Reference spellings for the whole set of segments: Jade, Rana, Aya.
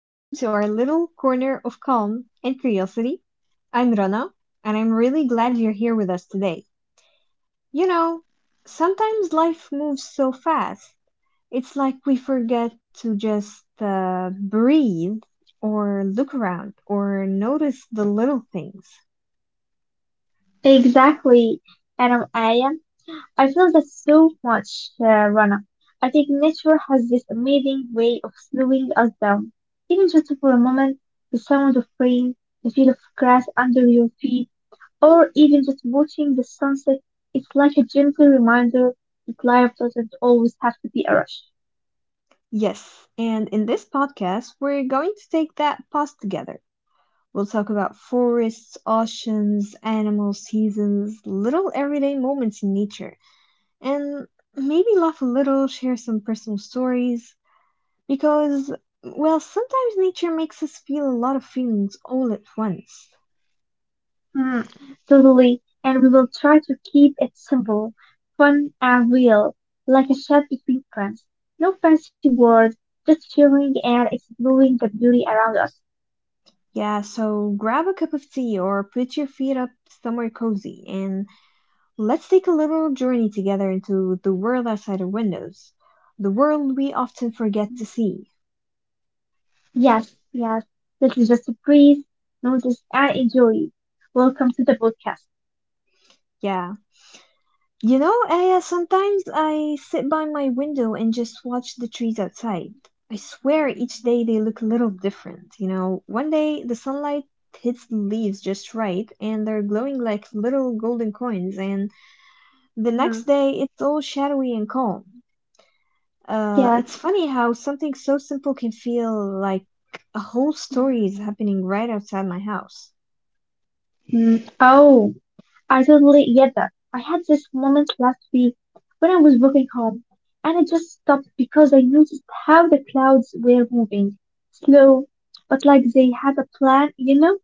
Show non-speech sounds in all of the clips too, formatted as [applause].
welcome to our little corner of calm and curiosity. I'm Rana, and I'm really glad you're here with us today. You know, sometimes life moves so fast, it's like we forget to just breathe or look around or notice the little things. Exactly, and I'm- I am. I feel that so much, Rana. I think nature has this amazing way of slowing us down. Even just for a moment, the sound of rain, the feel of grass under your feet, or even just watching the sunset, it's like a gentle reminder that life doesn't always have to be a rush. Yes, and in this podcast, we're going to take that pause together. We'll talk about forests, oceans, animals, seasons, little everyday moments in nature. And maybe laugh a little, share some personal stories, because, well, sometimes nature makes us feel a lot of feelings all at once. Mm, totally. And we will try to keep it simple, fun, and real, like a chat between friends. No fancy words, just sharing and exploring the beauty around us. Yeah, so grab a cup of tea or put your feet up somewhere cozy and let's take a little journey together into the world outside our windows, the world we often forget to see. Yes, yes. This is just a breeze. Notice and enjoy. Welcome to the podcast. Yeah. You know, Aya, sometimes I sit by my window and just watch the trees outside. I swear each day they look a little different. You know, one day the sunlight hits the leaves just right and they're glowing like little golden coins, and the Mhm. next day it's all shadowy and calm. Yes. It's funny how something so simple can feel like a whole Mhm. story is happening right outside my house. Oh, I totally get that. I had this moment last week when I was walking home and I just stopped because I noticed how the clouds were moving. Slow, but like they had a plan, you know?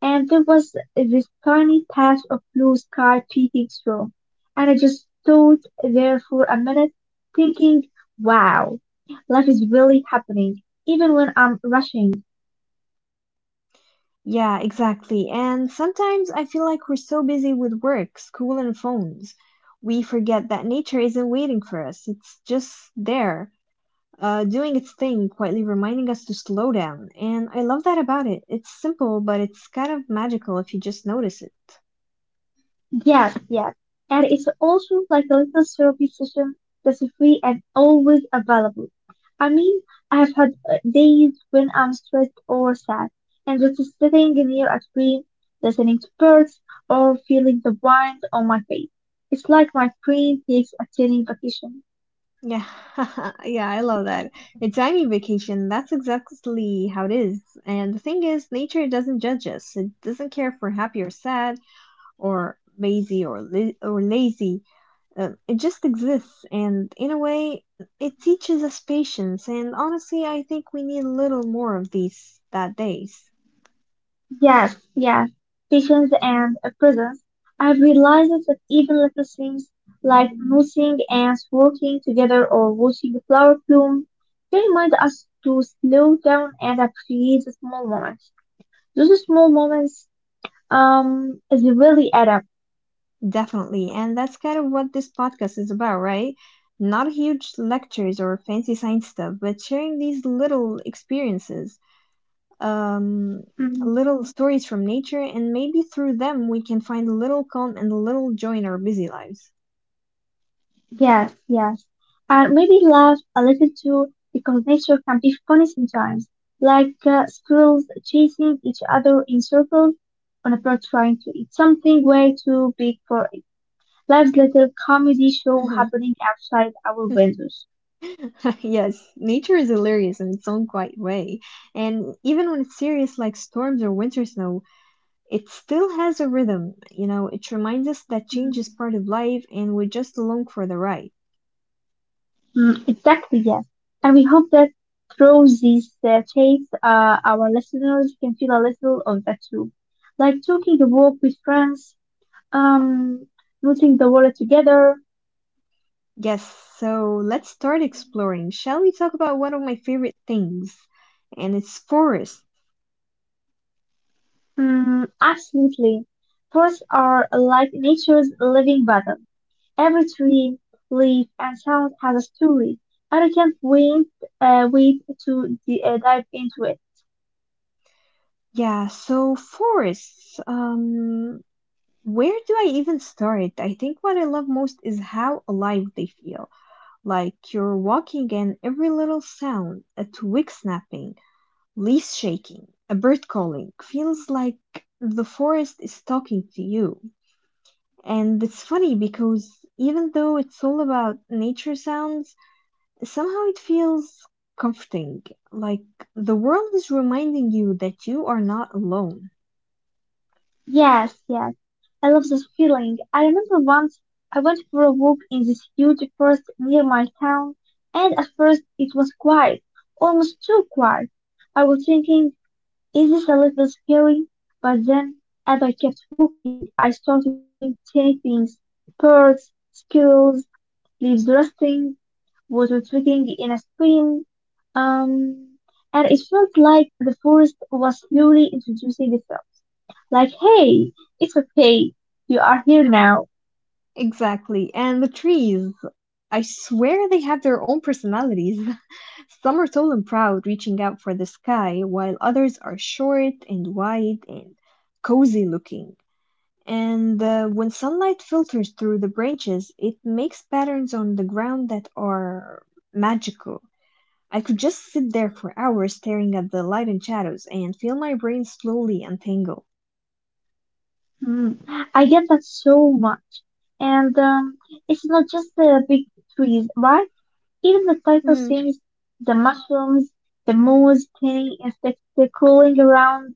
And there was this tiny patch of blue sky peeking through. And I just stood there for a minute thinking, wow, life is really happening, even when I'm rushing. Yeah, exactly. And sometimes I feel like we're so busy with work, school, and phones, we forget that nature isn't waiting for us. It's just there doing its thing, quietly reminding us to slow down. And I love that about it. It's simple, but it's kind of magical if you just notice it. Yes, yes. And it's also psychological therapy session that's free and always available. I mean, I've had days when I'm stressed or sad, and just sitting near a screen, listening to birds, or feeling the wind on my face. It's like my brain takes a tiny vacation. Yeah, [laughs] yeah, I love that. [laughs] A tiny vacation, that's exactly how it is. And the thing is, nature doesn't judge us. It doesn't care if we're happy or sad, or lazy. It just exists, and in a way, it teaches us patience. And honestly, I think we need a little more of these that days. Yes, yes, stations and prisons. I've realized that even little things like noticing ants working together or watching a flower bloom, they remind us to slow down and appreciate the small moments. Those small moments, they really add up. Definitely, and that's kind of what this podcast is about, right? Not huge lectures or fancy science stuff, but sharing these little experiences, um, Mhm. little stories from nature, and maybe through them we can find a little calm and a little joy in our busy lives. Yes, yes. And maybe laugh a little too, because nature can be funny sometimes. Like squirrels chasing each other in circles on a bird trying to eat something way too big for it. Life's little comedy show Hmm happening outside our windows. [laughs] Yes, nature is hilarious in its own quiet way, and even when it's serious, like storms or winter snow, it still has a rhythm, you know, it reminds us that change Mm, is part of life and we're just along for the ride. Exactly, yes. And we hope that through these chats, our listeners can feel a little of that too. Like taking a walk with friends, um, putting the world together. Yes, so let's start exploring. Shall we talk about one of my favorite things? And it's forests. Absolutely. Forests are like nature's living battle. Every tree, leaf, and sound has a story, and I can't dive into it. Yeah, so forests. Where do I even start? I think what I love most is how alive they feel. Like you're walking and every little sound, a twig snapping, leaves shaking, a bird calling, feels like the forest is talking to you. And it's funny because even though it's all about nature sounds, somehow it feels comforting, like the world is reminding you that you are not alone. Yes, yes, I love this feeling. I remember once I went for a walk in this huge forest near my town, and at first it was quiet, almost too quiet. I was thinking it is a little scary, but then, as I kept walking, I started hearing tiny birds, squirrels, leaves rustling, water trickling in a stream. Um, and it felt like the forest was slowly introducing itself. Like, hey, it's okay. You are here now. Exactly, and the trees. I swear they have their own personalities. [laughs] Some are tall and proud, reaching out for the sky, while others are short and wide and cozy looking. And when sunlight filters through the branches, it makes patterns on the ground that are magical. I could just sit there for hours staring at the light and shadows and feel my brain slowly untangle. Hmm. I get that so much. And it's not just the big trees, right? Even the title Mm, seems: the mushrooms, the moose, tiny insects crawling around,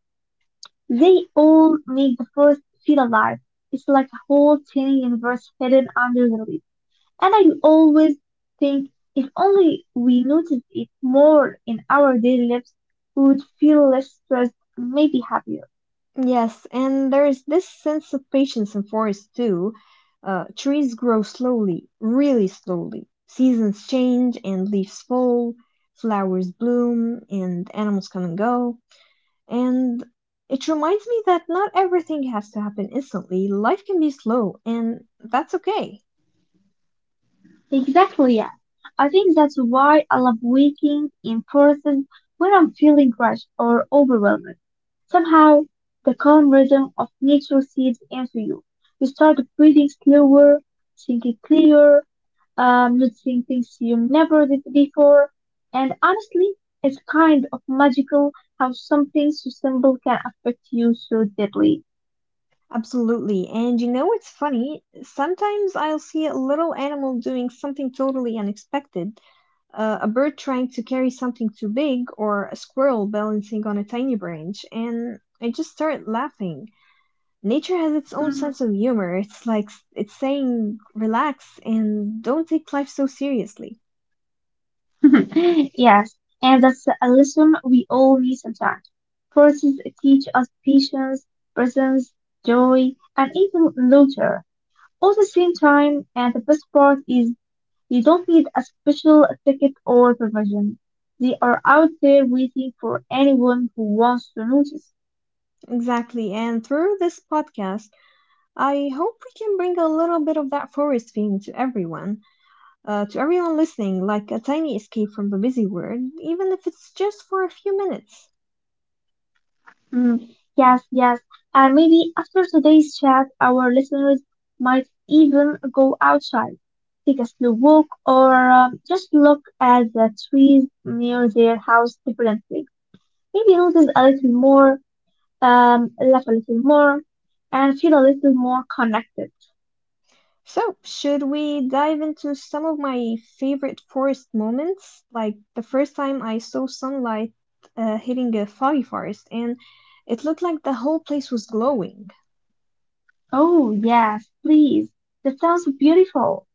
they all make the forest feel alive. It's like a whole tiny universe hidden under the leaves. And I always think, if only we noticed it more in our daily lives, we would feel less stressed, maybe happier. yes, and there's this sense of patience in forests too. Trees grow slowly, really slowly. Seasons change and leaves fall, flowers bloom, and animals come and go. And it reminds me that not everything has to happen instantly. Life can be slow, and that's okay. Exactly, yeah. I think that's why I love waking in forests when I'm feeling rushed or overwhelmed. Somehow, the calm rhythm of nature seeds into you. You start breathing slower, thinking clearer, noticing things you never did before. And honestly, it's kind of magical how something so simple can affect you so deeply. Absolutely. And you know it's funny? Sometimes I'll see a little animal doing something totally unexpected. A bird trying to carry something too big, or a squirrel balancing on a tiny branch, and I just start laughing. Nature has its own Mhm. sense of humor. It's saying, relax and don't take life so seriously. [laughs] Yes, and that's a lesson we all need sometimes. Forces teach us patience, presence, joy, and even laughter all the same time. And the best part is, you don't need a special ticket or provision. They are out there waiting for anyone who wants to notice. Exactly. And through this podcast, I hope we can bring a little bit of that forest feeling to everyone listening, like a tiny escape from the busy world, even if it's just for a few minutes. Mm, yes, yes. And maybe after today's chat, our listeners might even go outside, take a slow walk, or just look at the trees near their house differently. Maybe notice a little more, laugh a little more, and feel a little more connected. So, should we dive into some of my favorite forest moments, like the first time I saw sunlight hitting a foggy forest and it looked like the whole place was glowing? Oh, yes, please. That sounds beautiful.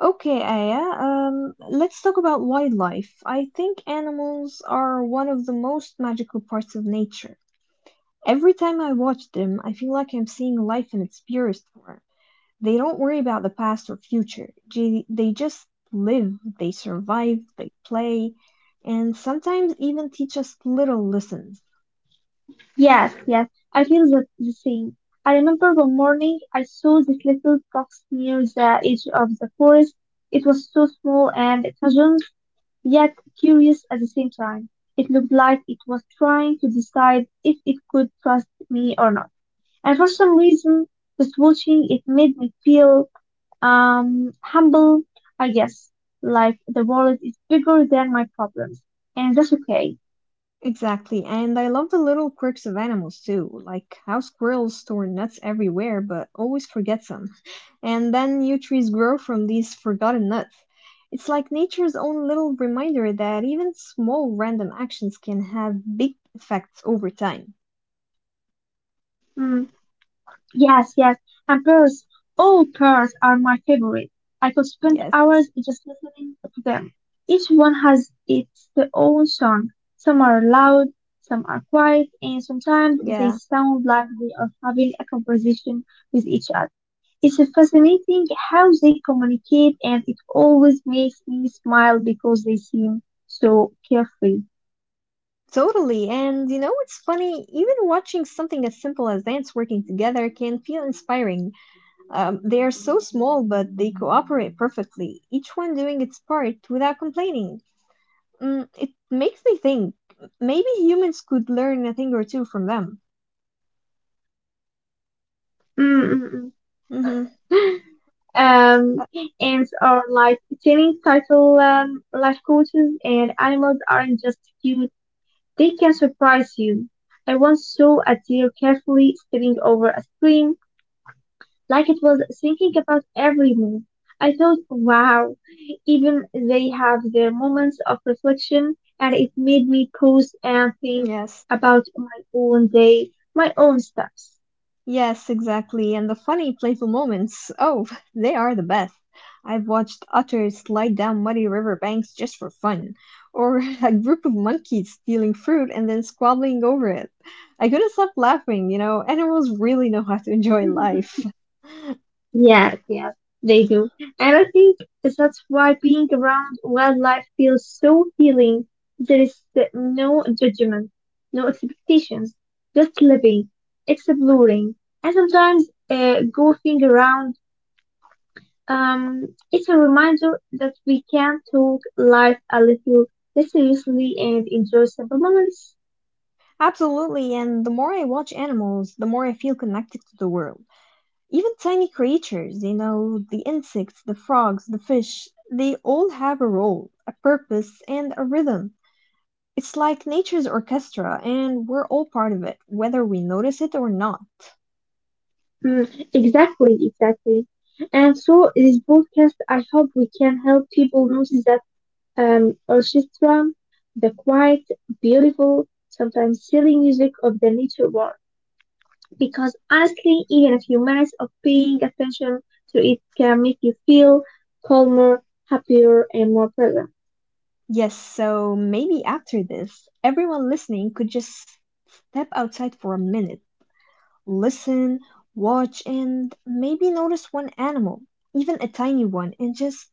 Okay, Aya, let's talk about wildlife. I think animals are one of the most magical parts of nature. Every time I watch them, I feel like I'm seeing life in its purest form. They don't worry about the past or future. They just live, they survive, they play, and sometimes even teach us little lessons. Yes, yes, I feel the same. I remember one morning I saw this little fox near the edge of the forest. It was so small and casual, yet curious at the same time. It looked like it was trying to decide if it could trust me or not. And for some reason, just watching it made me feel humble, I guess, like the world is bigger than my problems, and that's okay. Exactly, and I love the little quirks of animals too, like how squirrels store nuts everywhere but always forget some. And then new trees grow from these forgotten nuts. It's like nature's own little reminder that even small random actions can have big effects over time. Mm. Yes, yes. And pearls. All pearls are my favorite. I could spend Yes, hours just listening to them. Each one has its own song. Some are loud, some are quiet, and sometimes yeah, they sound like they are having a conversation with each other. It's fascinating how they communicate, and it always makes me smile because they seem so carefree. totally. And you know, it's funny, even watching something as simple as ants working together can feel inspiring. They are so small, but they cooperate perfectly, each one doing its part without complaining. Mm, it makes me think maybe humans could learn a thing or two from them. Mm, mm, Mm-hmm. mm. Um, Uh, Ants are like tiny, title life coaches, and animals aren't just cute, they can surprise you. I once saw a deer carefully stepping over a stream, like it was thinking about every move. I thought, wow, even they have their moments of reflection, and it made me pause and think yes. about my own day, my own steps. Yes, exactly. And the funny, playful moments. Oh, [laughs] they are the best. I've watched otters slide down muddy river banks just for fun, or [laughs] a group of monkeys stealing fruit and then squabbling over it. I couldn't stop laughing, you know, animals really know how to enjoy life. Yes, yes, they do. And I think that's why being around wildlife feels so healing. There is no judgment, no expectations, just living, exploring, and sometimes goofing around. It's a reminder that we can talk life a little less seriously and enjoy simple moments. Absolutely, and the more I watch animals, the more I feel connected to the world. Even tiny creatures, you know, the insects, the frogs, the fish, they all have a role, a purpose, and a rhythm. It's like nature's orchestra and we're all part of it, whether we notice it or not. Exactly, exactly. And so, this podcast, I hope we can help people notice that orchestra, the quiet, beautiful, sometimes silly music of the nature world. Because honestly, even a few minutes of paying attention to it can make you feel calmer, happier, and more present. Yes, so maybe after this, everyone listening could just step outside for a minute, listen, watch, and maybe notice one animal, even a tiny one, and just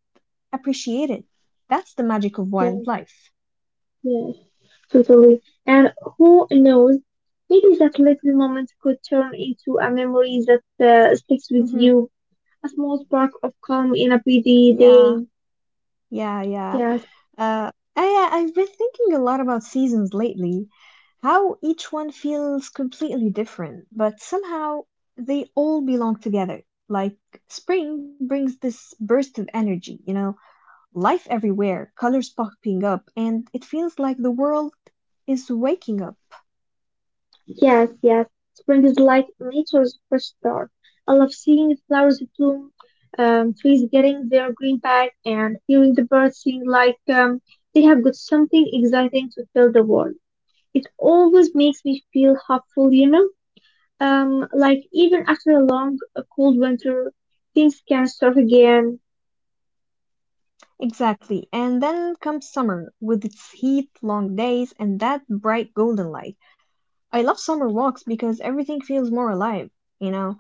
appreciate it. That's the magic of Yes, wildlife. yes, totally. And who knows, maybe that little moment could turn into a memory that sticks with Hmm you, a small spark of calm in a busy Yeah, day. yeah. Yes. I've been thinking a lot about seasons lately, how each one feels completely different, but somehow they all belong together. Like spring brings this burst of energy, you know, life everywhere, colors popping up, and it feels like the world is waking up. Yes, yes. Spring is like nature's fresh start. I love seeing flowers bloom, trees getting their green back, and hearing the birds sing like they have got something exciting to fill the world. It always makes me feel hopeful, you know? Like even after a long, cold winter, things can start again. Exactly. And then comes summer with its heat, long days, and that bright golden light. I love summer walks because everything feels more alive, you know,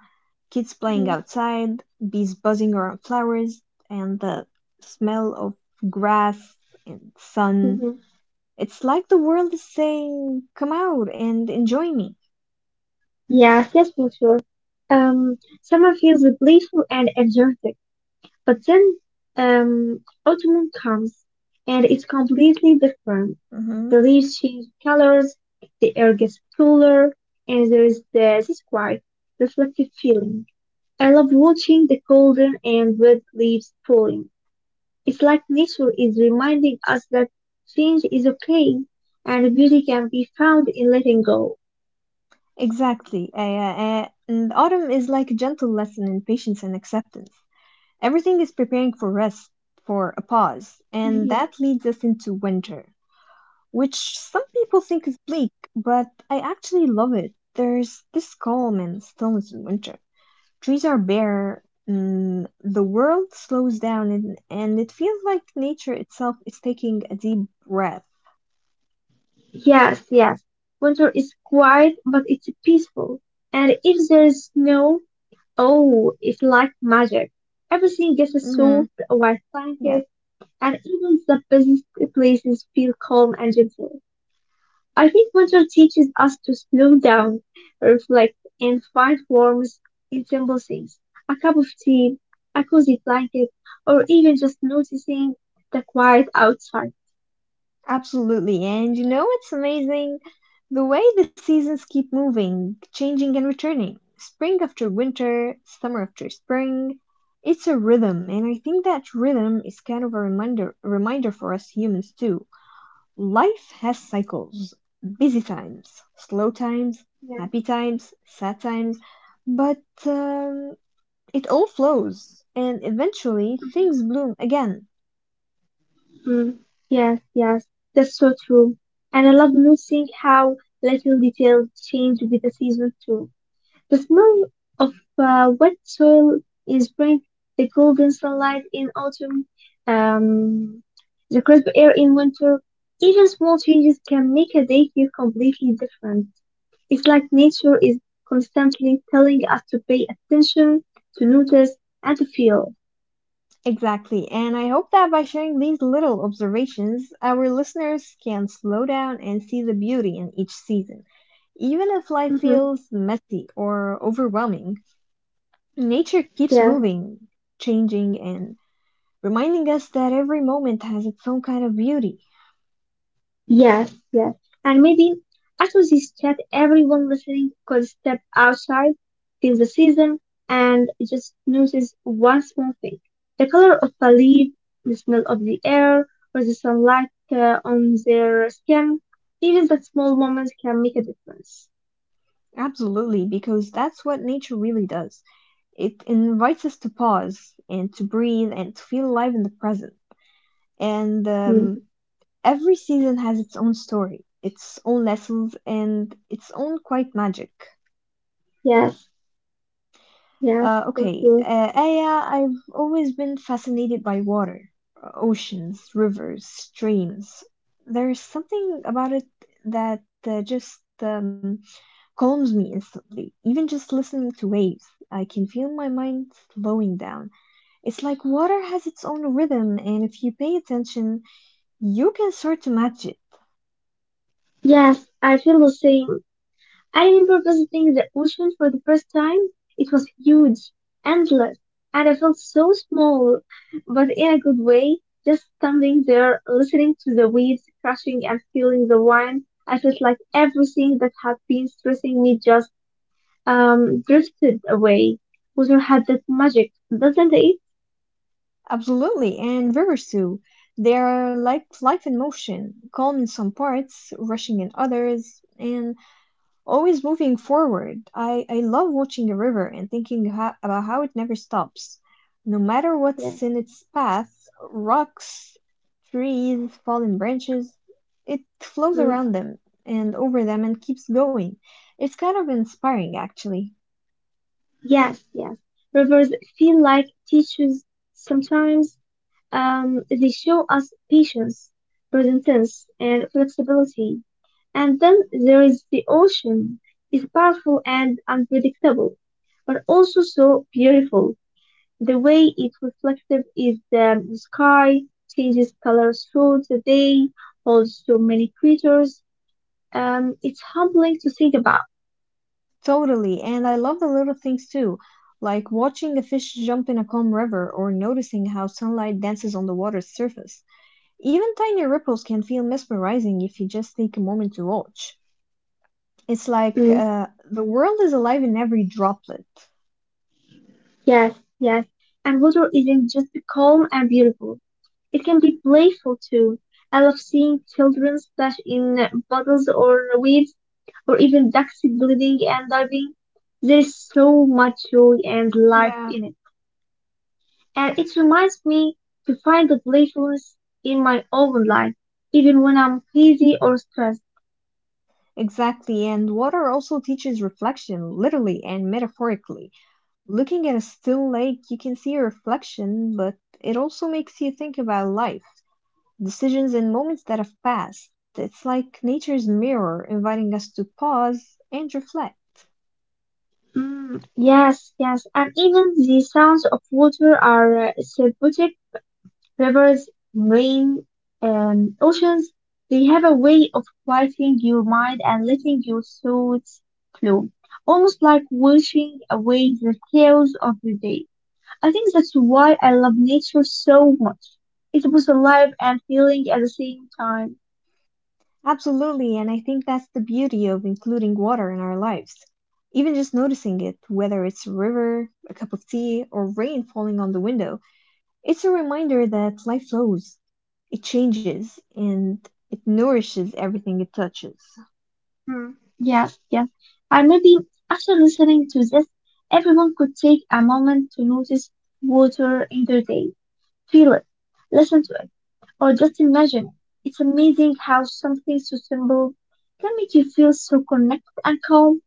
kids playing outside, bees buzzing around flowers, and the smell of grass and sun. Mm-hmm. It's like the world is saying, "Come out and enjoy me." Yes, yes, for sure. Summer feels playful and energetic. But then um, autumn comes, and it's completely different. hmm The leaves change colors, the air gets cooler, and there is this quiet, reflective feeling. I love watching the golden and red leaves falling. It's like nature is reminding us that change is okay, and beauty can be found in letting go. Exactly. And autumn is like a gentle lesson in patience and acceptance. Everything is preparing for rest, for a pause, and Mhm. that leads us into winter, which some people think is bleak, but I actually love it. There's this calm and stillness in winter. Trees are bare, the world slows down, and it feels like nature itself is taking a deep breath. Yes, yes. Winter is quiet, but it's peaceful. And if there is snow, oh, it's like magic. Everything gets Hmm solved white Yes, blanket, and even the busiest places feel calm and gentle. I think winter teaches us to slow down, reflect, and find warmth in simple things. A cup of tea, a cozy blanket, or even just noticing the quiet outside. absolutely. And you know it's amazing? The way the seasons keep moving, changing, and returning. Spring after winter, summer after spring. It's a rhythm, and I think that rhythm is kind of a reminder, reminder for us humans too. Life has cycles, busy times, slow times, Yeah. happy times, sad times, but it all flows and eventually things bloom again. Mm, yes, yes, that's so true. And I love noticing how little details change with the season too. The smell of wet soil in spring, the golden sunlight in autumn, um, the crisp air in winter. Even small changes can make a day feel completely different. It's like nature is constantly telling us to pay attention, to notice, and to feel. Exactly, and I hope that by sharing these little observations, our listeners can slow down and see the beauty in each season. Even if life Mm-hmm. feels messy or overwhelming, nature keeps Yeah. moving, changing, and reminding us that every moment has its own kind of beauty. Yes, yes. And maybe after this chat, everyone listening could step outside, feel the season, and just notice one small thing. The color of a leaf, the smell of the air, or the sunlight on their skin. Even that small moment can make a difference. Absolutely, because that's what nature really does. It invites us to pause and to breathe and to feel alive in the present. And Hmm. Every season has its own story, its own lessons, and its own quiet magic. Yes, yes, Uh, for okay, sure. uh, Aya, I've always been fascinated by water, oceans, rivers, streams. There's something about it that just calms me instantly. Even just listening to waves, I can feel my mind slowing down. It's like water has its own rhythm, and if you pay attention, you can start to match it. Yes, I feel the same. I remember visiting the ocean for the first time. It was huge, endless, and I felt so small, but in a good way. Just standing there, listening to the waves crashing and feeling the wind, I felt like everything that had been stressing me just drifted away. Water had that magic, doesn't it? Absolutely, and rivers too. They are like life in motion, calm in some parts, rushing in others, and always moving forward. I love watching a river and thinking about how it never stops. No matter Yeah. what's in its path, rocks, trees, fallen branches, it flows Mm. around them and over them and keeps going. It's kind of inspiring, actually. Yes, yes. Rivers feel like teachers sometimes. They show us patience, present tense, and flexibility. And then there is the ocean. It's powerful and unpredictable, but also so beautiful. The way it reflective is the sky, changes colors through the day, holds so many creatures. It's humbling to think about. Totally, and I love the little things too, like watching a fish jump in a calm river or noticing how sunlight dances on the water's surface. Even tiny ripples can feel mesmerizing if you just take a moment to watch. It's like Mm, the world is alive in every droplet. yes, yes. And water isn't just calm and beautiful. It can be playful too. I love seeing children splash in puddles or waves, or even ducks gliding and diving. There is so much joy and life Yeah. in it. And it reminds me to find the playfulness in my own life, even when I'm busy or stressed. Exactly, and water also teaches reflection, literally and metaphorically. Looking at a still lake, you can see a reflection, but it also makes you think about life, decisions, and moments that have passed. It's like nature's mirror, inviting us to pause and reflect. Yes, yes, and even the sounds of water are therapeutic. Rivers, rain, oceans, they have a way of quieting your mind and letting your thoughts flow, almost like washing away the chaos of the day. I think that's why I love nature so much. It was alive and feeling at the same time. Absolutely, and I think that's the beauty of including water in our lives. Even just noticing it, whether it's a river, a cup of tea, or rain falling on the window, it's a reminder that life flows, it changes, and it nourishes everything it touches. Hmm. Yes, yes. And maybe after listening to this, everyone could take a moment to notice water in their day, feel it, listen to it. Or just imagine. It's amazing how something so simple can make you feel so connected and calm.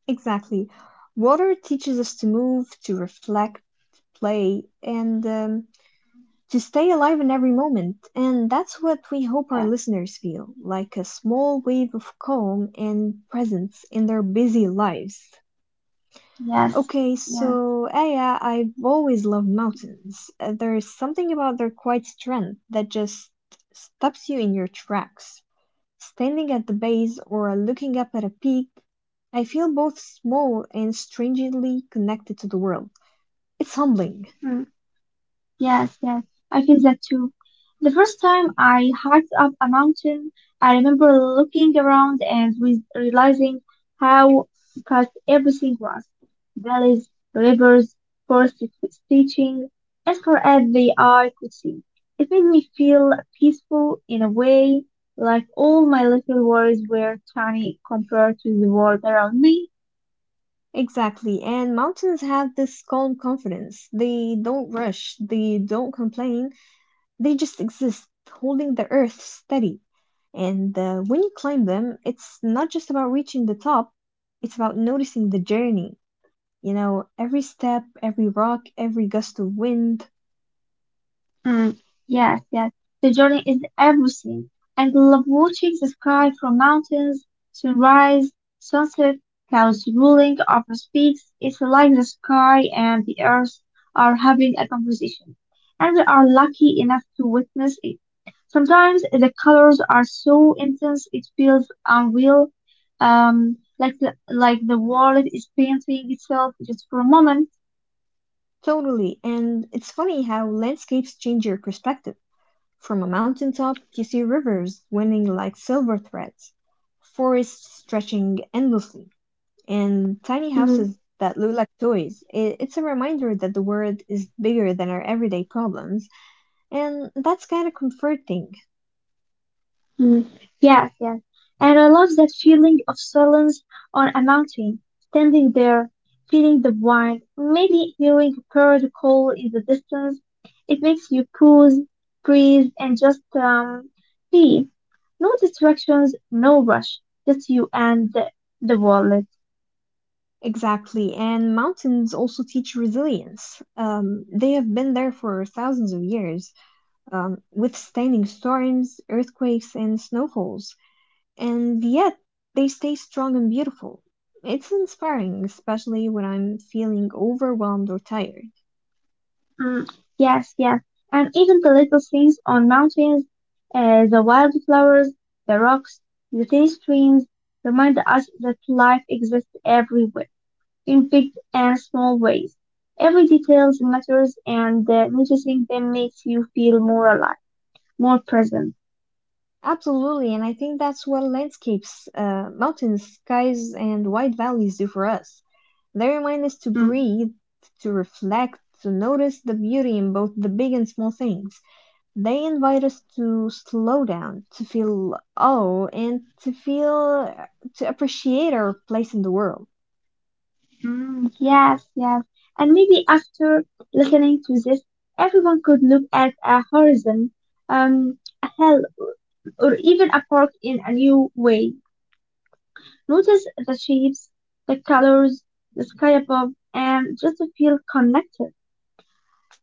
Exactly. Water teaches us to move, to reflect, to play, and to stay alive in every moment. And that's what we hope Yeah. our listeners feel like a small wave of calm and presence in their busy lives. Yes. Okay, Yes. so Aya, I've always loved mountains. There's something about their quiet strength that just stops you in your tracks. Standing at the base or looking up at a peak, I feel both small and strangely connected to the world. It's humbling. Hmm. Yes, yes, I feel that too. The first time I hiked up a mountain, I remember looking around and with realizing how cut everything was. Valleys, rivers, forests stretching as far as the eye could see. It made me feel peaceful in a way, like all my little worries were tiny compared to the world around me. Exactly. And mountains have this calm confidence. They don't rush, they don't complain, they just exist, holding the earth steady. And when you climb them, it's not just about reaching the top, it's about noticing the journey. You know, every step, every rock, every gust of wind. Mm, yes, yes. The journey is everything. And I love watching the sky from mountains, sunrise, sunset, clouds rolling over peaks. It's like the sky and the earth are having a conversation. And we are lucky enough to witness it. Sometimes the colors are so intense it feels unreal, like the world is painting itself just for a moment. Totally. And it's funny how landscapes change your perspective. From a mountaintop, you see rivers winning like silver threads, forests stretching endlessly and tiny Mm. houses that look like toys. It's a reminder that the world is bigger than our everyday problems, and that's kind of comforting. Mm, yes, yes. And I love that feeling of silence on a mountain, standing there, feeling the wind, maybe hearing a bird call in the distance. It makes you pause, breathe, and just be. No distractions, no rush, just you and the world. Exactly, and mountains also teach resilience. They have been there for thousands of years, withstanding storms, earthquakes, and snowfalls, and yet they stay strong and beautiful. It's inspiring, especially when I'm feeling overwhelmed or tired. Mm, yes, yes. And even the little things on mountains, the wildflowers, the rocks, the tiny streams remind us that life exists everywhere, in big and small ways. Every detail matters, and noticing them makes you feel more alive, more present. Absolutely, and I think that's what landscapes, mountains, skies, and wide valleys do for us. They remind us to Mm, breathe, to reflect, to notice the beauty in both the big and small things. They invite us to slow down, to feel awe, and to appreciate our place in the world. mm, yes, yes. And maybe after listening to this, everyone could look at a horizon, a hill, or even a park in a new way. Notice the shapes, the colors, the sky above, and just feel connected.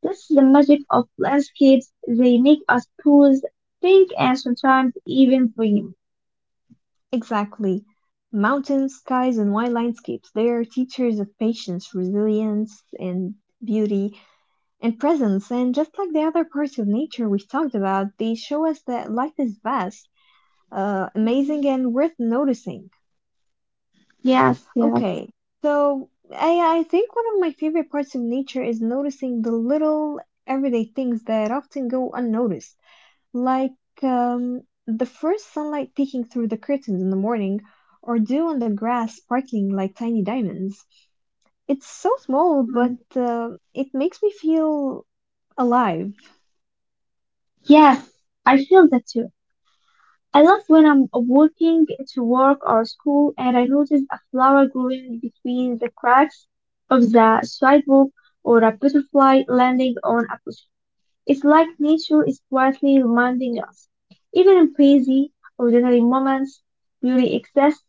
This is the magic of landscapes. They make us pause, think, and sometimes even dream. Exactly. Mountains, skies, and wide landscapes, they are teachers of patience, resilience, and beauty and presence. And just like the other parts of nature we've talked about, they show us that life is vast, amazing, Mhm. and worth noticing. Yes, yes. Okay, so I think one of my favorite parts of nature is noticing the little everyday things that often go unnoticed, like the first sunlight peeking through the curtains in the morning, or dew on the grass sparkling like tiny diamonds. It's so small, Mm. but it makes me feel alive. Yes, I feel that too. I love when I'm walking to work or school and I notice a flower growing between the cracks of the sidewalk or a butterfly landing on a. It's like nature is quietly reminding us, even in busy, ordinary moments, beauty exists.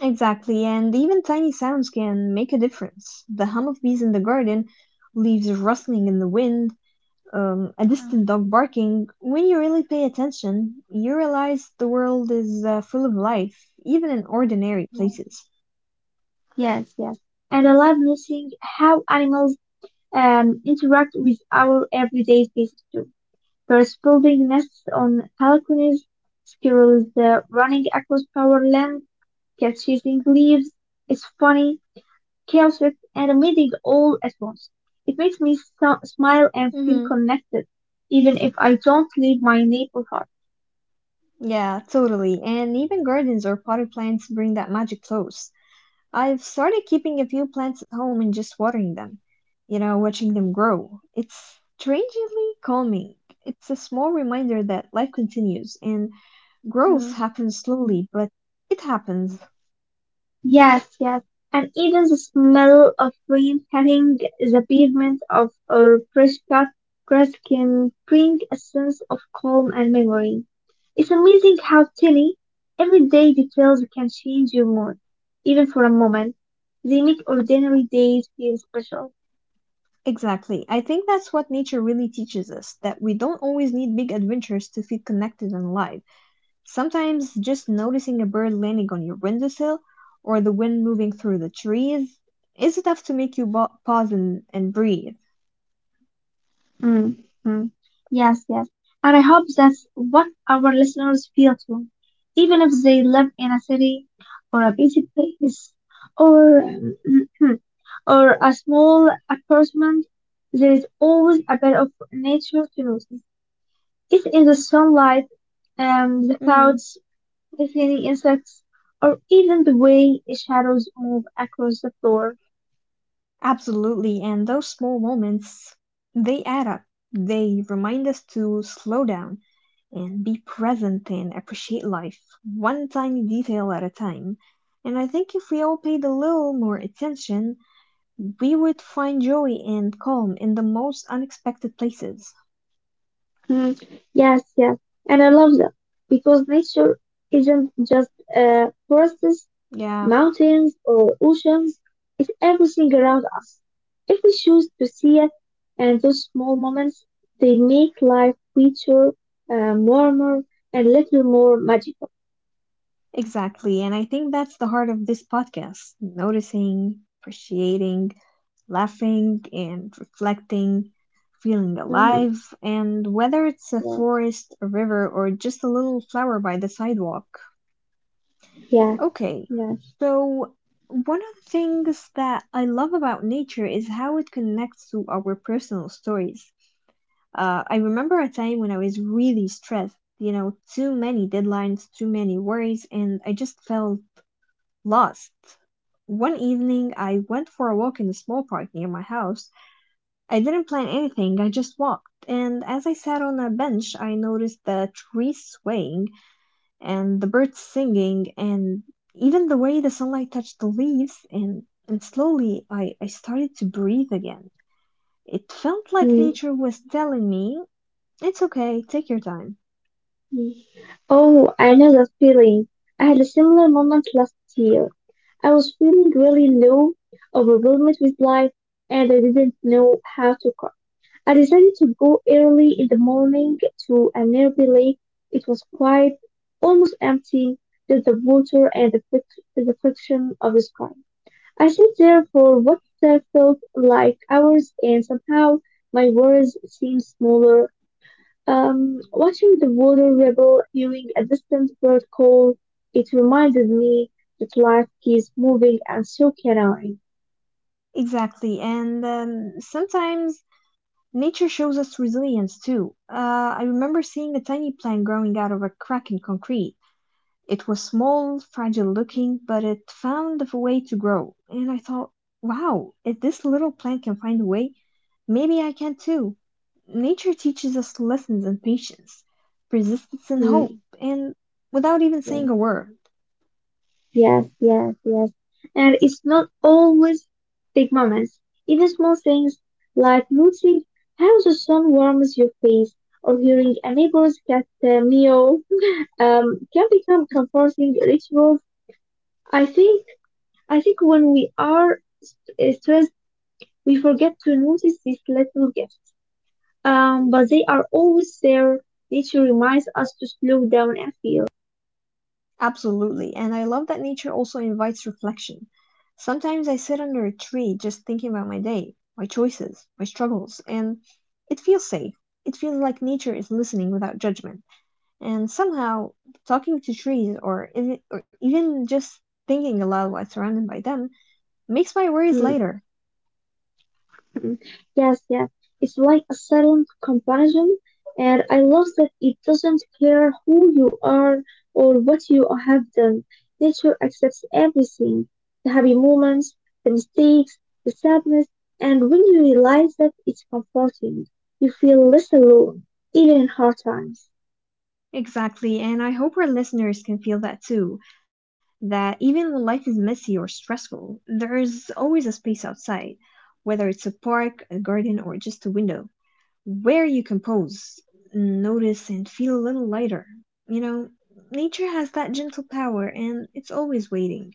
Exactly, and even tiny sounds can make a difference. The hum of bees in the garden, leaves rustling in the wind, a Mm, distant dog barking. When you really pay attention, you realize the world is full of life, even in ordinary yeah. places. Yes, yes. And I love noticing how animals interact with our everyday spaces too. Birds building nests on balconies, squirrels running across power land, cats chasing leaves. It's funny, chaotic, and amazing all at once. It makes me so- smile and feel hmm connected, even if I don't leave my neighborhood. Yeah, totally. And even gardens or potted plants bring that magic close. I've started keeping a few plants at home and just watering them, you know, watching them grow. It's strangely calming. It's a small reminder that life continues and growth Mm. happens slowly, but it happens. Yes, yes. And even the smell of rain hitting the pavement of a fresh cut grass can bring a sense of calm and memory. It's amazing how tiny, everyday details can change your mood, even for a moment. They make ordinary days feel special. Exactly. I think that's what nature really teaches us, that we don't always need big adventures to feel connected and alive. Sometimes just noticing a bird landing on your windowsill or the wind moving through the trees is enough to make you pause and breathe. Mm, mm. Yes, yes. And I hope that's what our listeners feel too. Even if they live in a city or a busy place or [clears throat] or a small apartment, there is always a bit of nature to notice. If in the sunlight, the hmm clouds, the tiny insects, or even the way shadows move across the floor. Absolutely. And those small moments, they add up. They remind us to slow down and be present and appreciate life, one tiny detail at a time. And I think if we all paid a little more attention, we would find joy and calm in the most unexpected places. Mm, yes, yes. And I love that because nature isn't just forests, Yeah, mountains, or oceans. It's everything around us. If we choose to see it, and those small moments, they make life richer, warmer, and little more magical. exactly. And I think that's the heart of this podcast: noticing, appreciating, laughing, and reflecting, feeling Hmm. alive. And whether it's a Yeah, forest, a river, or just a little flower by the sidewalk. yeah, Okay, yes. so one of the things that I love about nature is how it connects to our personal stories. I remember a time when I was really stressed, you know, too many deadlines, too many worries, and I just felt lost. One evening, I went for a walk in a small park near my house. I didn't plan anything, I just walked. And as I sat on a bench, I noticed the trees swaying and the birds singing and even the way the sunlight touched the leaves. And, slowly, I started to breathe again. It felt like Mm-hmm. nature was telling me it's okay, take your time. Mm. Oh, I know that feeling. I had a similar moment last year. I was feeling really low, overwhelmed with life, and I didn't know how to cope. I decided to go early in the morning to a nearby lake. It was quiet, almost empty, just the water and the friction of the sky. I sat there for what I felt like hours, and somehow my worries seemed smaller, watching the water ripple, feeling a distant bird call, it reminded me that life keeps moving and so can I. Exactly, and sometimes nature shows us resilience too. I remember seeing a tiny plant growing out of a crack in concrete. It was small, fragile looking, but it found a way to grow. And I thought, wow, if this little plant can find a way, maybe I can too. Nature teaches us lessons in patience, persistence, and hope, Mm, and without even yeah. saying a word. Yes, yes, yes. And it's not always big moments. Even small things like noticing how the sun warms your face or hearing a neighbor's cat meow can become comforting rituals. I think I think when we are st- stressed, we forget to notice these little gifts. But they are always there. Nature reminds us to slow down and feel. Absolutely. And I love that nature also invites reflection. Sometimes I sit under a tree just thinking about my day, my choices, my struggles, and it feels safe. It feels like nature is listening without judgment. And somehow, talking to trees or even just thinking aloud while surrounded by them makes my worries Mm, lighter. mm. Yes, yes. It's like a silent comparison, and I love that it doesn't care who you are or what you have done. Nature accepts everything, the happy moments, the mistakes, the sadness, and when you realize that it's comforting, you feel less alone, even in hard times. Exactly, and I hope our listeners can feel that too. That even when life is messy or stressful, there is always a space outside, whether it's a park, a garden, or just a window, where you can pause, notice, and feel a little lighter. You know, nature has that gentle power, and it's always waiting.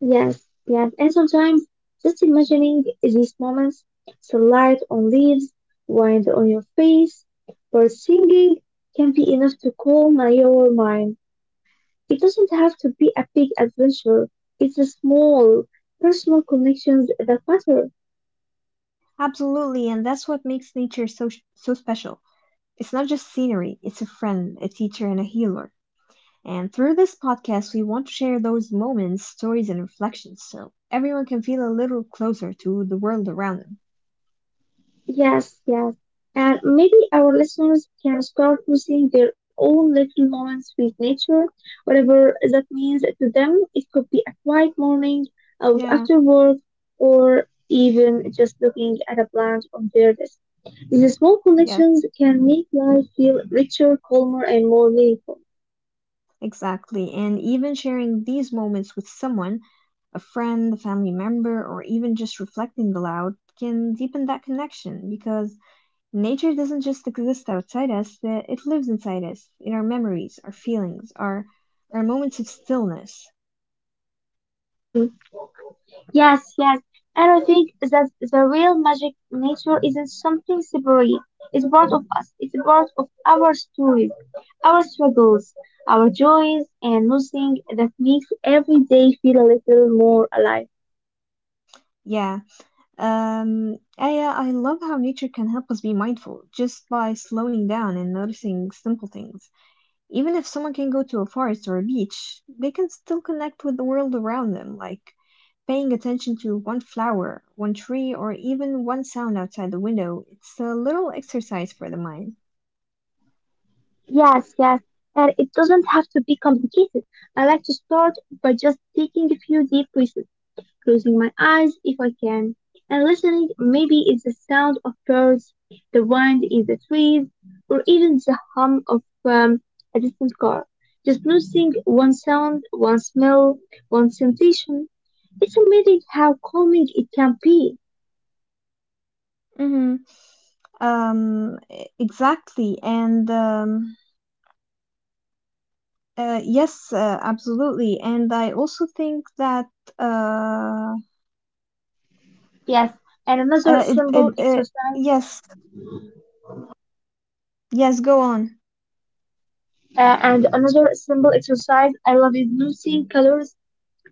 Yes, yes, and sometimes just imagining these moments, sunlight on leaves, wind on your face, birds singing can be enough to calm your mind. It doesn't have to be a big adventure. It's the small, personal connections that matter. Absolutely, and that's what makes nature so special. It's not just scenery; it's a friend, a teacher, and a healer. And through this podcast, we want to share those moments, stories, and reflections so everyone can feel a little closer to the world around them. Yes, yes. And maybe our listeners can start noticing their own little moments with nature, whatever that means to them. It could be a quiet morning out Yeah, after work or even just looking at a plant on their desk. These small yes, connections can make life feel richer, calmer, and more meaningful. exactly. And even sharing these moments with someone, a friend, a family member, or even just reflecting aloud, can deepen that connection because nature doesn't just exist outside us, that it lives inside us, in our memories, our feelings, our moments of stillness. Hmm. Yes, yes. And I think that the real magic nature isn't something separate. It's part of us. It's part of our stories, our struggles, our joys, and nothing that makes every day feel a little more alive. Yeah. Aya, I love how nature can help us be mindful just by slowing down and noticing simple things. Even if someone can go to a forest or a beach, they can still connect with the world around them, like paying attention to one flower, one tree, or even one sound outside the window. It's a little exercise for the mind. Yes, yes. And it doesn't have to be complicated. I like to start by just taking a few deep breaths, closing my eyes if I can, and listening. Maybe it's the sound of birds, the wind in the trees, or even the hum of a distant car. Just noticing one sound, one smell, one sensation. It's amazing how calming it can be. hmm exactly. And yes, absolutely. And I also think that uh, Yes, and Uh, it, it, it, yes, yes, go on. Another simple exercise I love is noticing colors.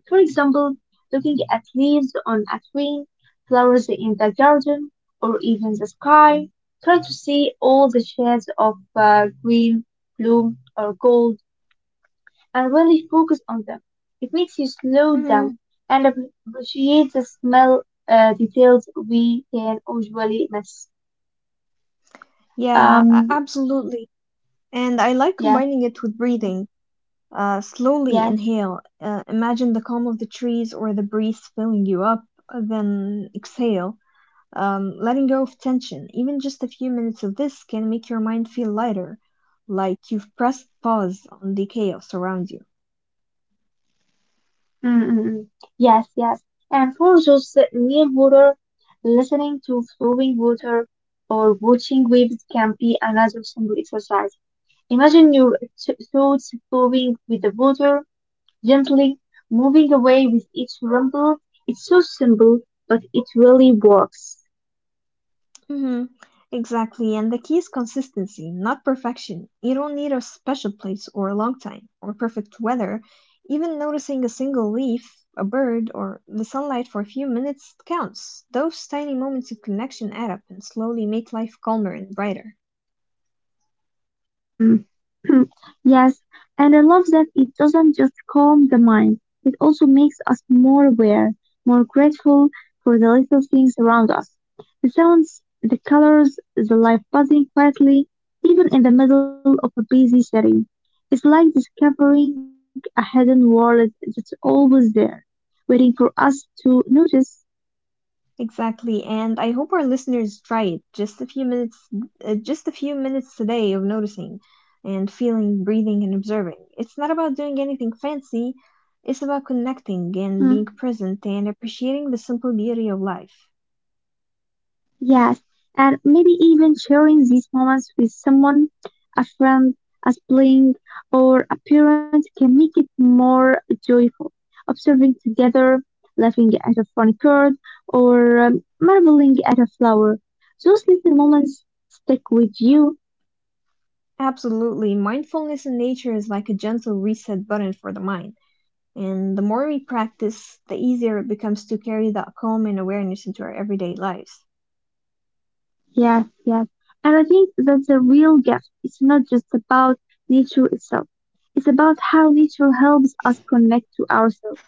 For example, looking at leaves on a tree, flowers in the garden, or even the sky. Try to see all the shades of green, blue, or gold and really focus on them. It makes you slow hmm down and appreciate the smell, details we can usually miss. Yeah, Um, absolutely. And I like yeah, combining it with breathing. Slowly yeah. inhale. Imagine the calm of the trees or the breeze filling you up. Then exhale, letting go of tension. Even just a few minutes of this can make your mind feel lighter, like you've pressed pause on the chaos around you. Mm, mm, mm. Yes, yes. And for those near water, listening to flowing water or watching waves can be another simple exercise. Imagine your thoughts flowing with the water, gently moving away with each rumble. It's so simple, but it really works. Mm-hmm. Exactly, and the key is consistency, not perfection. You don't need a special place or a long time or perfect weather. Even noticing a single leaf, a bird, or the sunlight for a few minutes counts. Those tiny moments of connection add up and slowly make life calmer and brighter. Mm. [clears throat] Yes, and I love that it doesn't just calm the mind, it also makes us more aware, more grateful for the little things around us. The sounds, the colors, the life buzzing quietly, even in the middle of a busy city. It's like discovering a hidden world that's always there, waiting for us to notice. Exactly, and I hope our listeners try it. Just a few minutes today of noticing and feeling, breathing, and observing. It's not about doing anything fancy. It's about connecting Hmm. and being present and appreciating the simple beauty of life. Yes, and maybe even sharing these moments with someone, a friend, a sibling, or a parent can make it more joyful. Observing together, laughing at a funny bird, or marveling at a flower. Those little moments stick with you. Absolutely, mindfulness in nature is like a gentle reset button for the mind. And the more we practice, the easier it becomes to carry that calm and awareness into our everyday lives. Yes, yes. And I think that's a real gift. It's not just about nature itself. It's about how nature helps us connect to ourselves,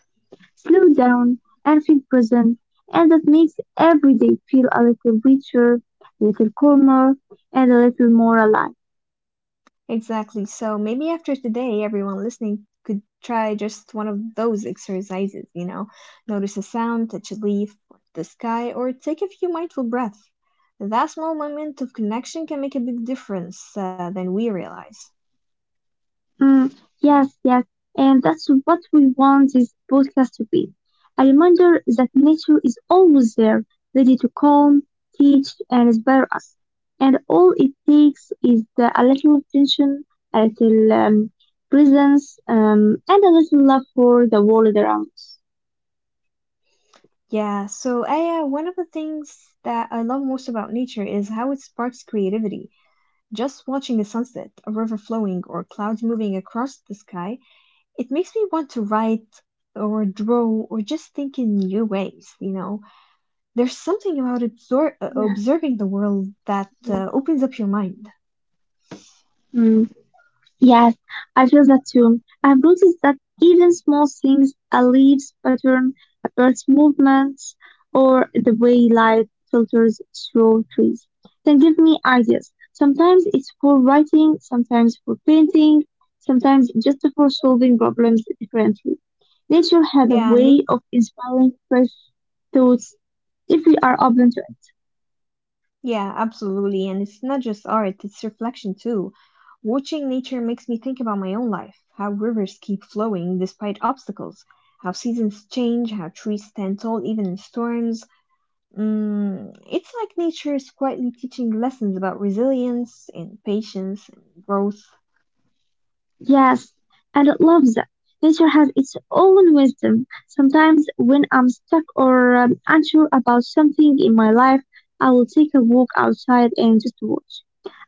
slow down and feel present, and that makes every day feel a little richer, a little calmer, and a little more alive. Exactly. So maybe after today, everyone listening could try just one of those exercises, you know, notice a sound, touch a leaf, look at the sky, or take a few mindful breaths. That small moment of connection can make a big difference than we realize. Mm, yes, yes, and that's what we want this podcast to be. A reminder that nature is always there, ready to calm, teach, and inspire us. And all it takes is a little attention, a little presence, and a little love for the world around us. Yeah, so Aya, one of the things that I love most about nature is how it sparks creativity. Just watching a sunset, a river flowing, or clouds moving across the sky, it makes me want to write or draw or just think in new ways, you know, there's something about Yeah. observing the world that opens up your mind. Mm. Yes, I feel that too. I've noticed that even small things, a leaf's pattern, a bird's movements, or the way light filters through trees, can give me ideas. Sometimes it's for writing, sometimes for painting, sometimes just for solving problems differently. Nature has a yeah me way of inspiring fresh thoughts if we are open to it. Yeah, absolutely. And it's not just art, it's reflection too. Watching nature makes me think about my own life, how rivers keep flowing despite obstacles, how seasons change, how trees stand tall even in storms. Mm, it's like nature is quietly teaching lessons about resilience and patience and growth. Yes, and I love that. Nature has its own wisdom. Sometimes, when I'm stuck or unsure about something in my life, I will take a walk outside and just watch.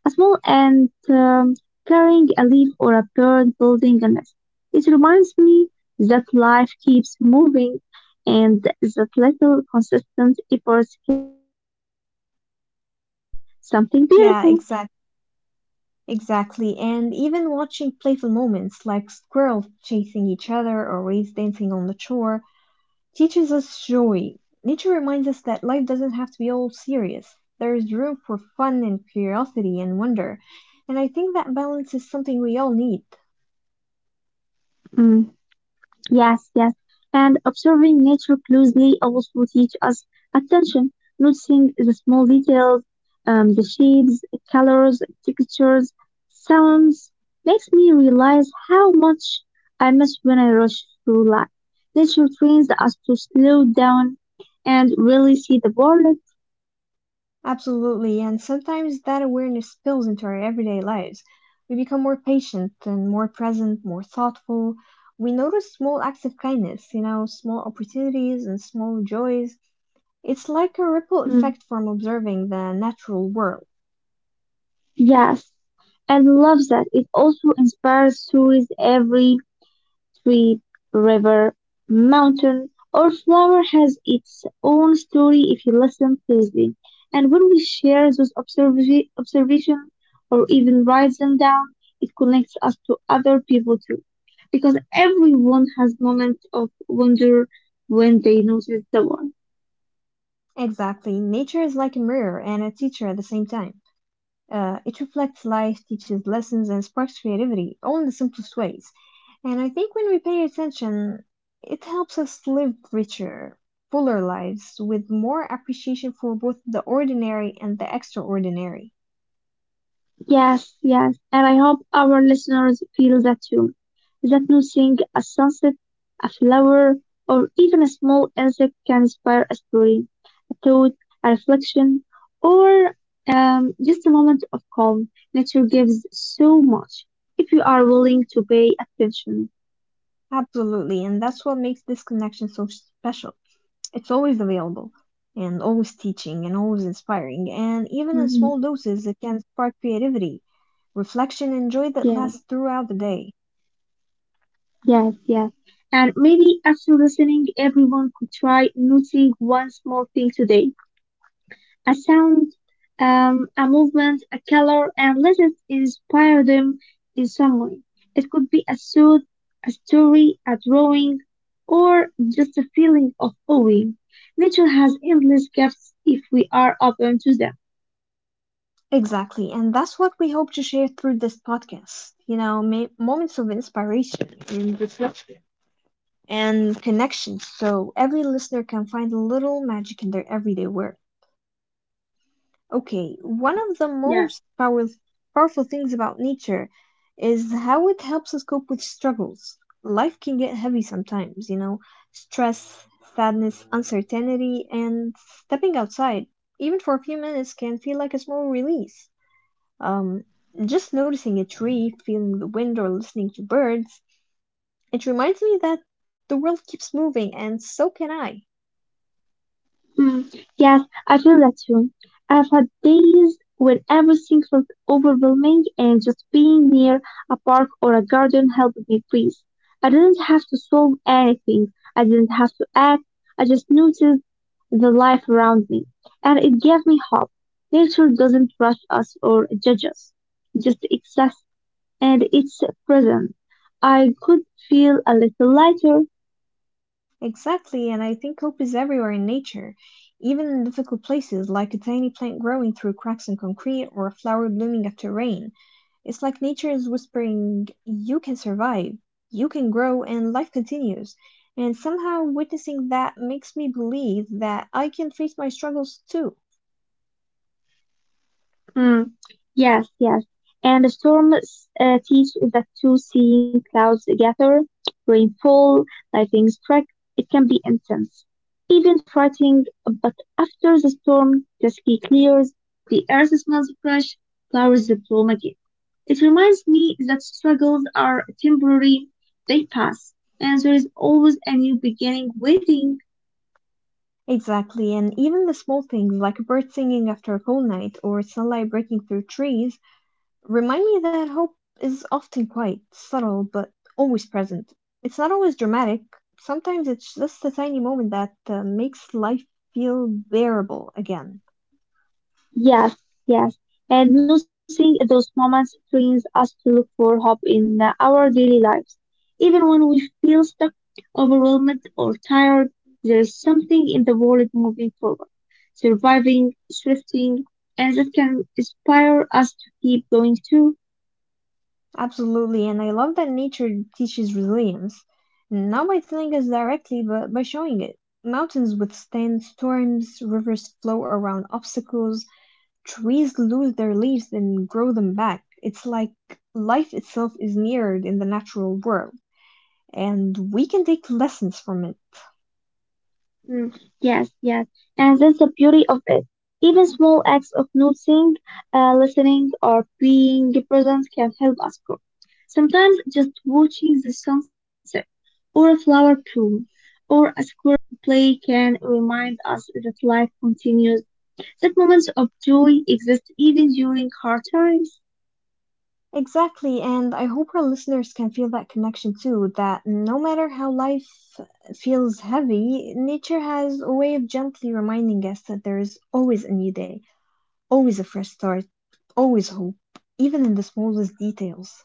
A small ant carrying a leaf or a bird building a nest. It reminds me that life keeps moving and that little consistent efforts can lead to something beautiful. Yeah, exactly. And even watching playful moments like squirrels chasing each other or waves dancing on the shore teaches us joy. Nature reminds us that life doesn't have to be all serious. There is room for fun and curiosity and wonder. And I think that balance is something we all need. Mm. Yes, yes. And observing nature closely also teach us attention, noticing the small details, the shapes, colors, textures, sounds makes me realize how much I miss when I rush through life. Nature trains us to slow down and really see the world. Absolutely. And sometimes that awareness spills into our everyday lives. We become more patient and more present, more thoughtful. We notice small acts of kindness, small opportunities and small joys. It's like a ripple Mm. effect from observing the natural world. Yes, and loves that. It also inspires stories. Every street, river, mountain, or flower has its own story if you listen closely. And when we share those observations or even write them down, it connects us to other people too. Because everyone has moments of wonder when they notice the world. Exactly. Nature is like a mirror and a teacher at the same time. It reflects life, teaches lessons, and sparks creativity, all in the simplest ways. And I think when we pay attention, it helps us live richer, fuller lives with more appreciation for both the ordinary and the extraordinary. Yes, yes. And I hope our listeners feel that too. That noticing a sunset, a flower, or even a small insect can inspire a story thought, a reflection, or just a moment of calm. Nature gives so much if you are willing to pay attention. Absolutely, and that's what makes this connection so special. It's always available, and always teaching, and always inspiring, and even in small Mhm. doses, it can spark creativity, reflection, and joy that Yes, lasts throughout the day. yes, yes. And maybe after listening, everyone could try noticing one small thing today. A sound, a movement, a color, and let it inspire them in some way. It could be a suit, a story, a drawing, or just a feeling of awe. Nature has endless gifts if we are open to Exactly, and that's what we hope to share through this podcast. You know, moments of inspiration and reflection and connection so every listener can find a little magic in their everyday work. Okay, one them. of the Yeah. most powerful things about nature is how it helps us cope with struggles. Life can get heavy sometimes, you know, stress, sadness, uncertainty, and stepping outside, even for a few minutes, can feel like a small release. Um, just noticing a tree, feeling the wind, or listening to birds, it reminds me that the world keeps moving and so can I. Mm, yes, I feel that too. I've had days when everything felt overwhelming and just being near a park or a garden helped me breathe. I didn't have to solve anything. I didn't have to act. I just noticed the life around me and it gave me hope. Nature doesn't rush us or judge us. It just exists and it's present. I could feel a little lighter. Exactly, and I think hope is everywhere in nature, even in difficult places, like a tiny plant growing through cracks in concrete or a flower blooming after rain. It's like nature is whispering, "You can survive, you can grow, and life continues." And somehow witnessing that makes me believe that I can face my struggles too. Mm, yes, yes. And the storm teach that too, seeing clouds gather, rainfall, lightning strike, it can be intense, even frightening. But after the storm, the sky clears, the earth smells fresh, flowers bloom again. It reminds me that struggles are temporary, they pass, and there is always a new beginning waiting. Exactly, and even the small things like a bird singing after a cold night or sunlight breaking through trees remind me that hope is often quite subtle but always present. It's not always dramatic, sometimes it's just a tiny moment that makes life feel bearable again. Yes, yes. And noticing those moments trains us to look for hope in our daily lives. Even when we feel stuck, overwhelmed, or tired, there's something in the world moving forward, surviving, shifting, and that can inspire us to keep going too. Absolutely, and I love that nature teaches resilience, not by telling us directly, but by showing it. Mountains withstand storms, rivers flow around obstacles, trees lose their leaves and grow them back. It's like life itself is mirrored in the natural world, and we can take lessons from it. Mm, yes, yes. And that's the beauty of it. Even small acts of noticing, listening, or being present can help us grow. Sometimes just watching the sunset, or a flower bloom, or a squirrel play can remind us that life continues, that moments of joy exist even during hard times. Exactly, and I hope our listeners can feel that connection too, that no matter how life feels heavy, nature has a way of gently reminding us that there is always a new day, always a fresh start, always hope, even in the smallest details.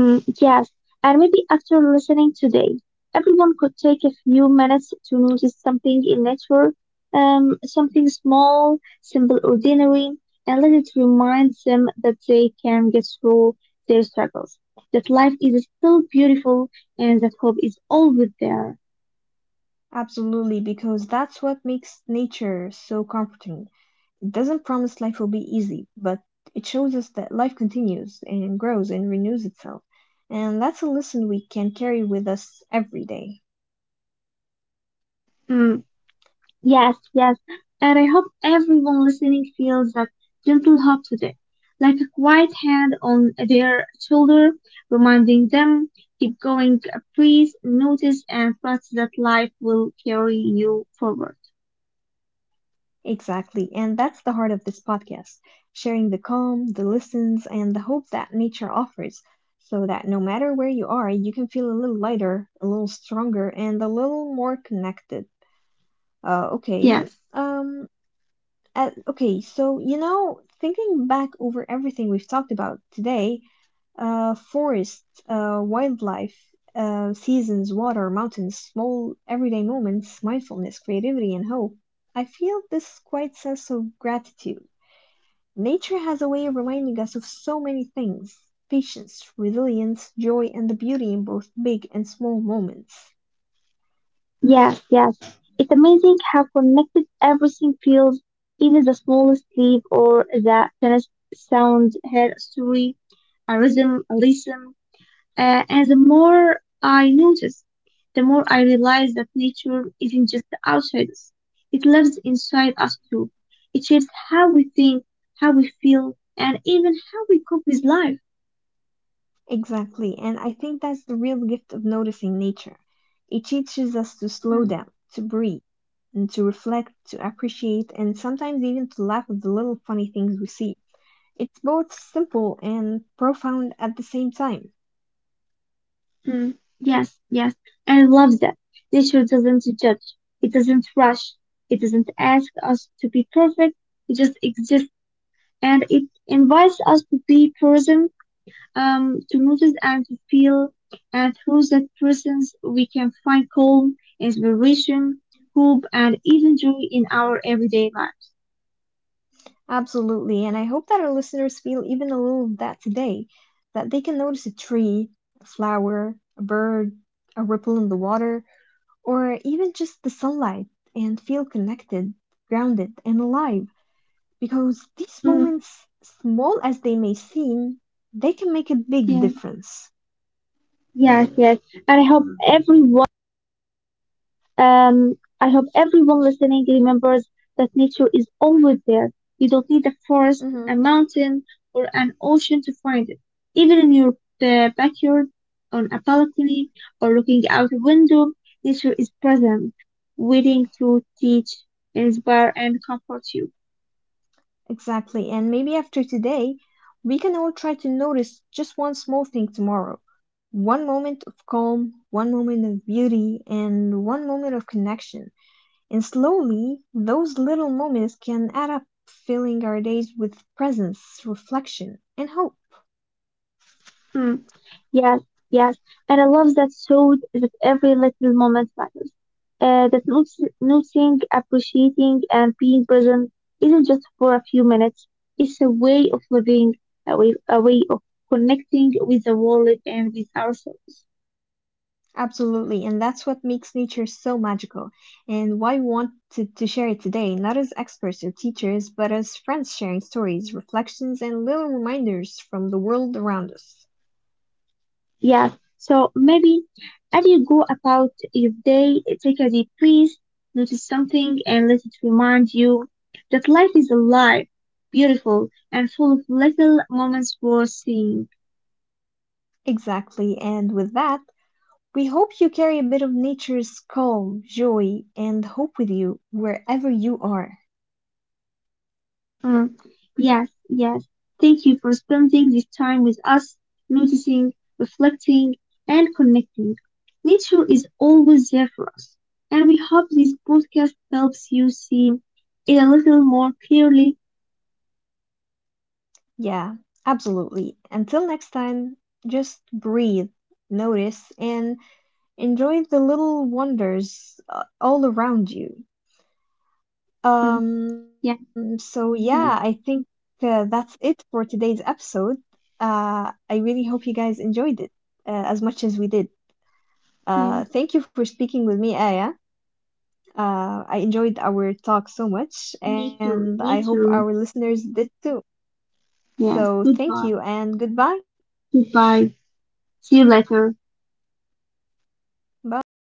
Mm, yes, and maybe after listening today, everyone could take a few minutes to notice something in nature, something small, simple, ordinary, and let it remind them that they can get through their struggles, that life is still beautiful, and that hope is always there. Absolutely, because that's what makes nature so comforting. It doesn't promise life will be easy, but it shows us that life continues and grows and renews itself. And that's a lesson we can carry with us every day. Mm, yes, yes. And I hope everyone listening feels that gentle hug today, like a quiet hand on their shoulder, reminding them, keep going, please notice and trust that life will carry you forward. Exactly. And that's the heart of this podcast, sharing the calm, the lessons, and the hope that nature offers, so that no matter where you are, you can feel a little lighter, a little stronger, and a little more connected. Uh, okay. Yes. Um, okay, so you know, thinking back over everything we've talked about today, forests, wildlife, seasons, water, mountains, small everyday moments, mindfulness, creativity, and hope. I feel this quiet sense of gratitude. Nature has a way of reminding us of so many things: patience, resilience, joy, and the beauty in both big and small moments. Yes, yes. It's amazing how connected everything feels, even the smallest leaf or the tiniest sound had a story, a rhythm, a lesson. And the more I notice, the more I realize that nature isn't just outside us. It lives inside us too. It shapes how we think, how we feel, and even how we cope with life. Exactly. And I think that's the real gift of noticing nature. It teaches us to slow Mm, down, to breathe, and to reflect, to appreciate, and sometimes even to laugh at the little funny things we see. It's both simple and profound at the same time. mm. Yes, yes. I love that. Nature doesn't judge. It doesn't rush. It doesn't ask us to be perfect. It just exists and it invites us to be present, to notice and to feel. And through that presence, we can find calm, inspiration, hope, and even joy in our everyday life. Absolutely. And I hope that our listeners feel even a little of that today, that they can notice a tree, a flower, a bird, a ripple in the water, or even just the sunlight and feel connected, grounded, and alive. Because these Mm, moments, small as they may seem, they can make a big yeah, difference. yes, yes. And I hope Um, everyone listening remembers that nature is always there. You don't need a forest, Mm-hmm. a mountain, or an ocean to find it. Even in your backyard, on a balcony, or looking out a window, nature is present, waiting to teach, inspire, and comfort you. Exactly. And maybe after today, we can all try to notice just one small thing tomorrow. One moment of calm, one moment of beauty, and one moment of connection. And slowly, those little moments can add up, filling our days with presence, reflection, and hope. Mm. Yes, yes, and I love that showed that every little moment matters. That noticing, appreciating, and being present isn't just for a few minutes. It's a way of living, a way of connecting with the world and with ourselves. Absolutely, and that's what makes nature so magical, and why we want to share it today, not as experts or teachers, but as friends sharing stories, reflections, and little reminders from the world around us. Yes. So maybe as you go about your day, take a deep breath, notice something, and let it remind you that life is alive, beautiful, and full of little moments worth seeing. Exactly, and with that, we hope you carry a bit of nature's calm, joy, and hope with you wherever you are. Mm, yes, yes. Thank you for spending this time with us, noticing, reflecting, and connecting. Nature is always there for us, and we hope this podcast helps you see it a little more clearly. Yeah, absolutely. Until next time, just breathe, notice, and enjoy the little wonders all around you. Mm, Um, yeah, so yeah, I think yes, that's it for today's episode. I really hope you guys enjoyed it as much as we did. yes. Thank you for speaking with me, Aya. I enjoyed our talk so much, Me too, and I me hope too. our listeners did too. Yes, So thank goodbye. you and goodbye. Goodbye. See you later. Bye.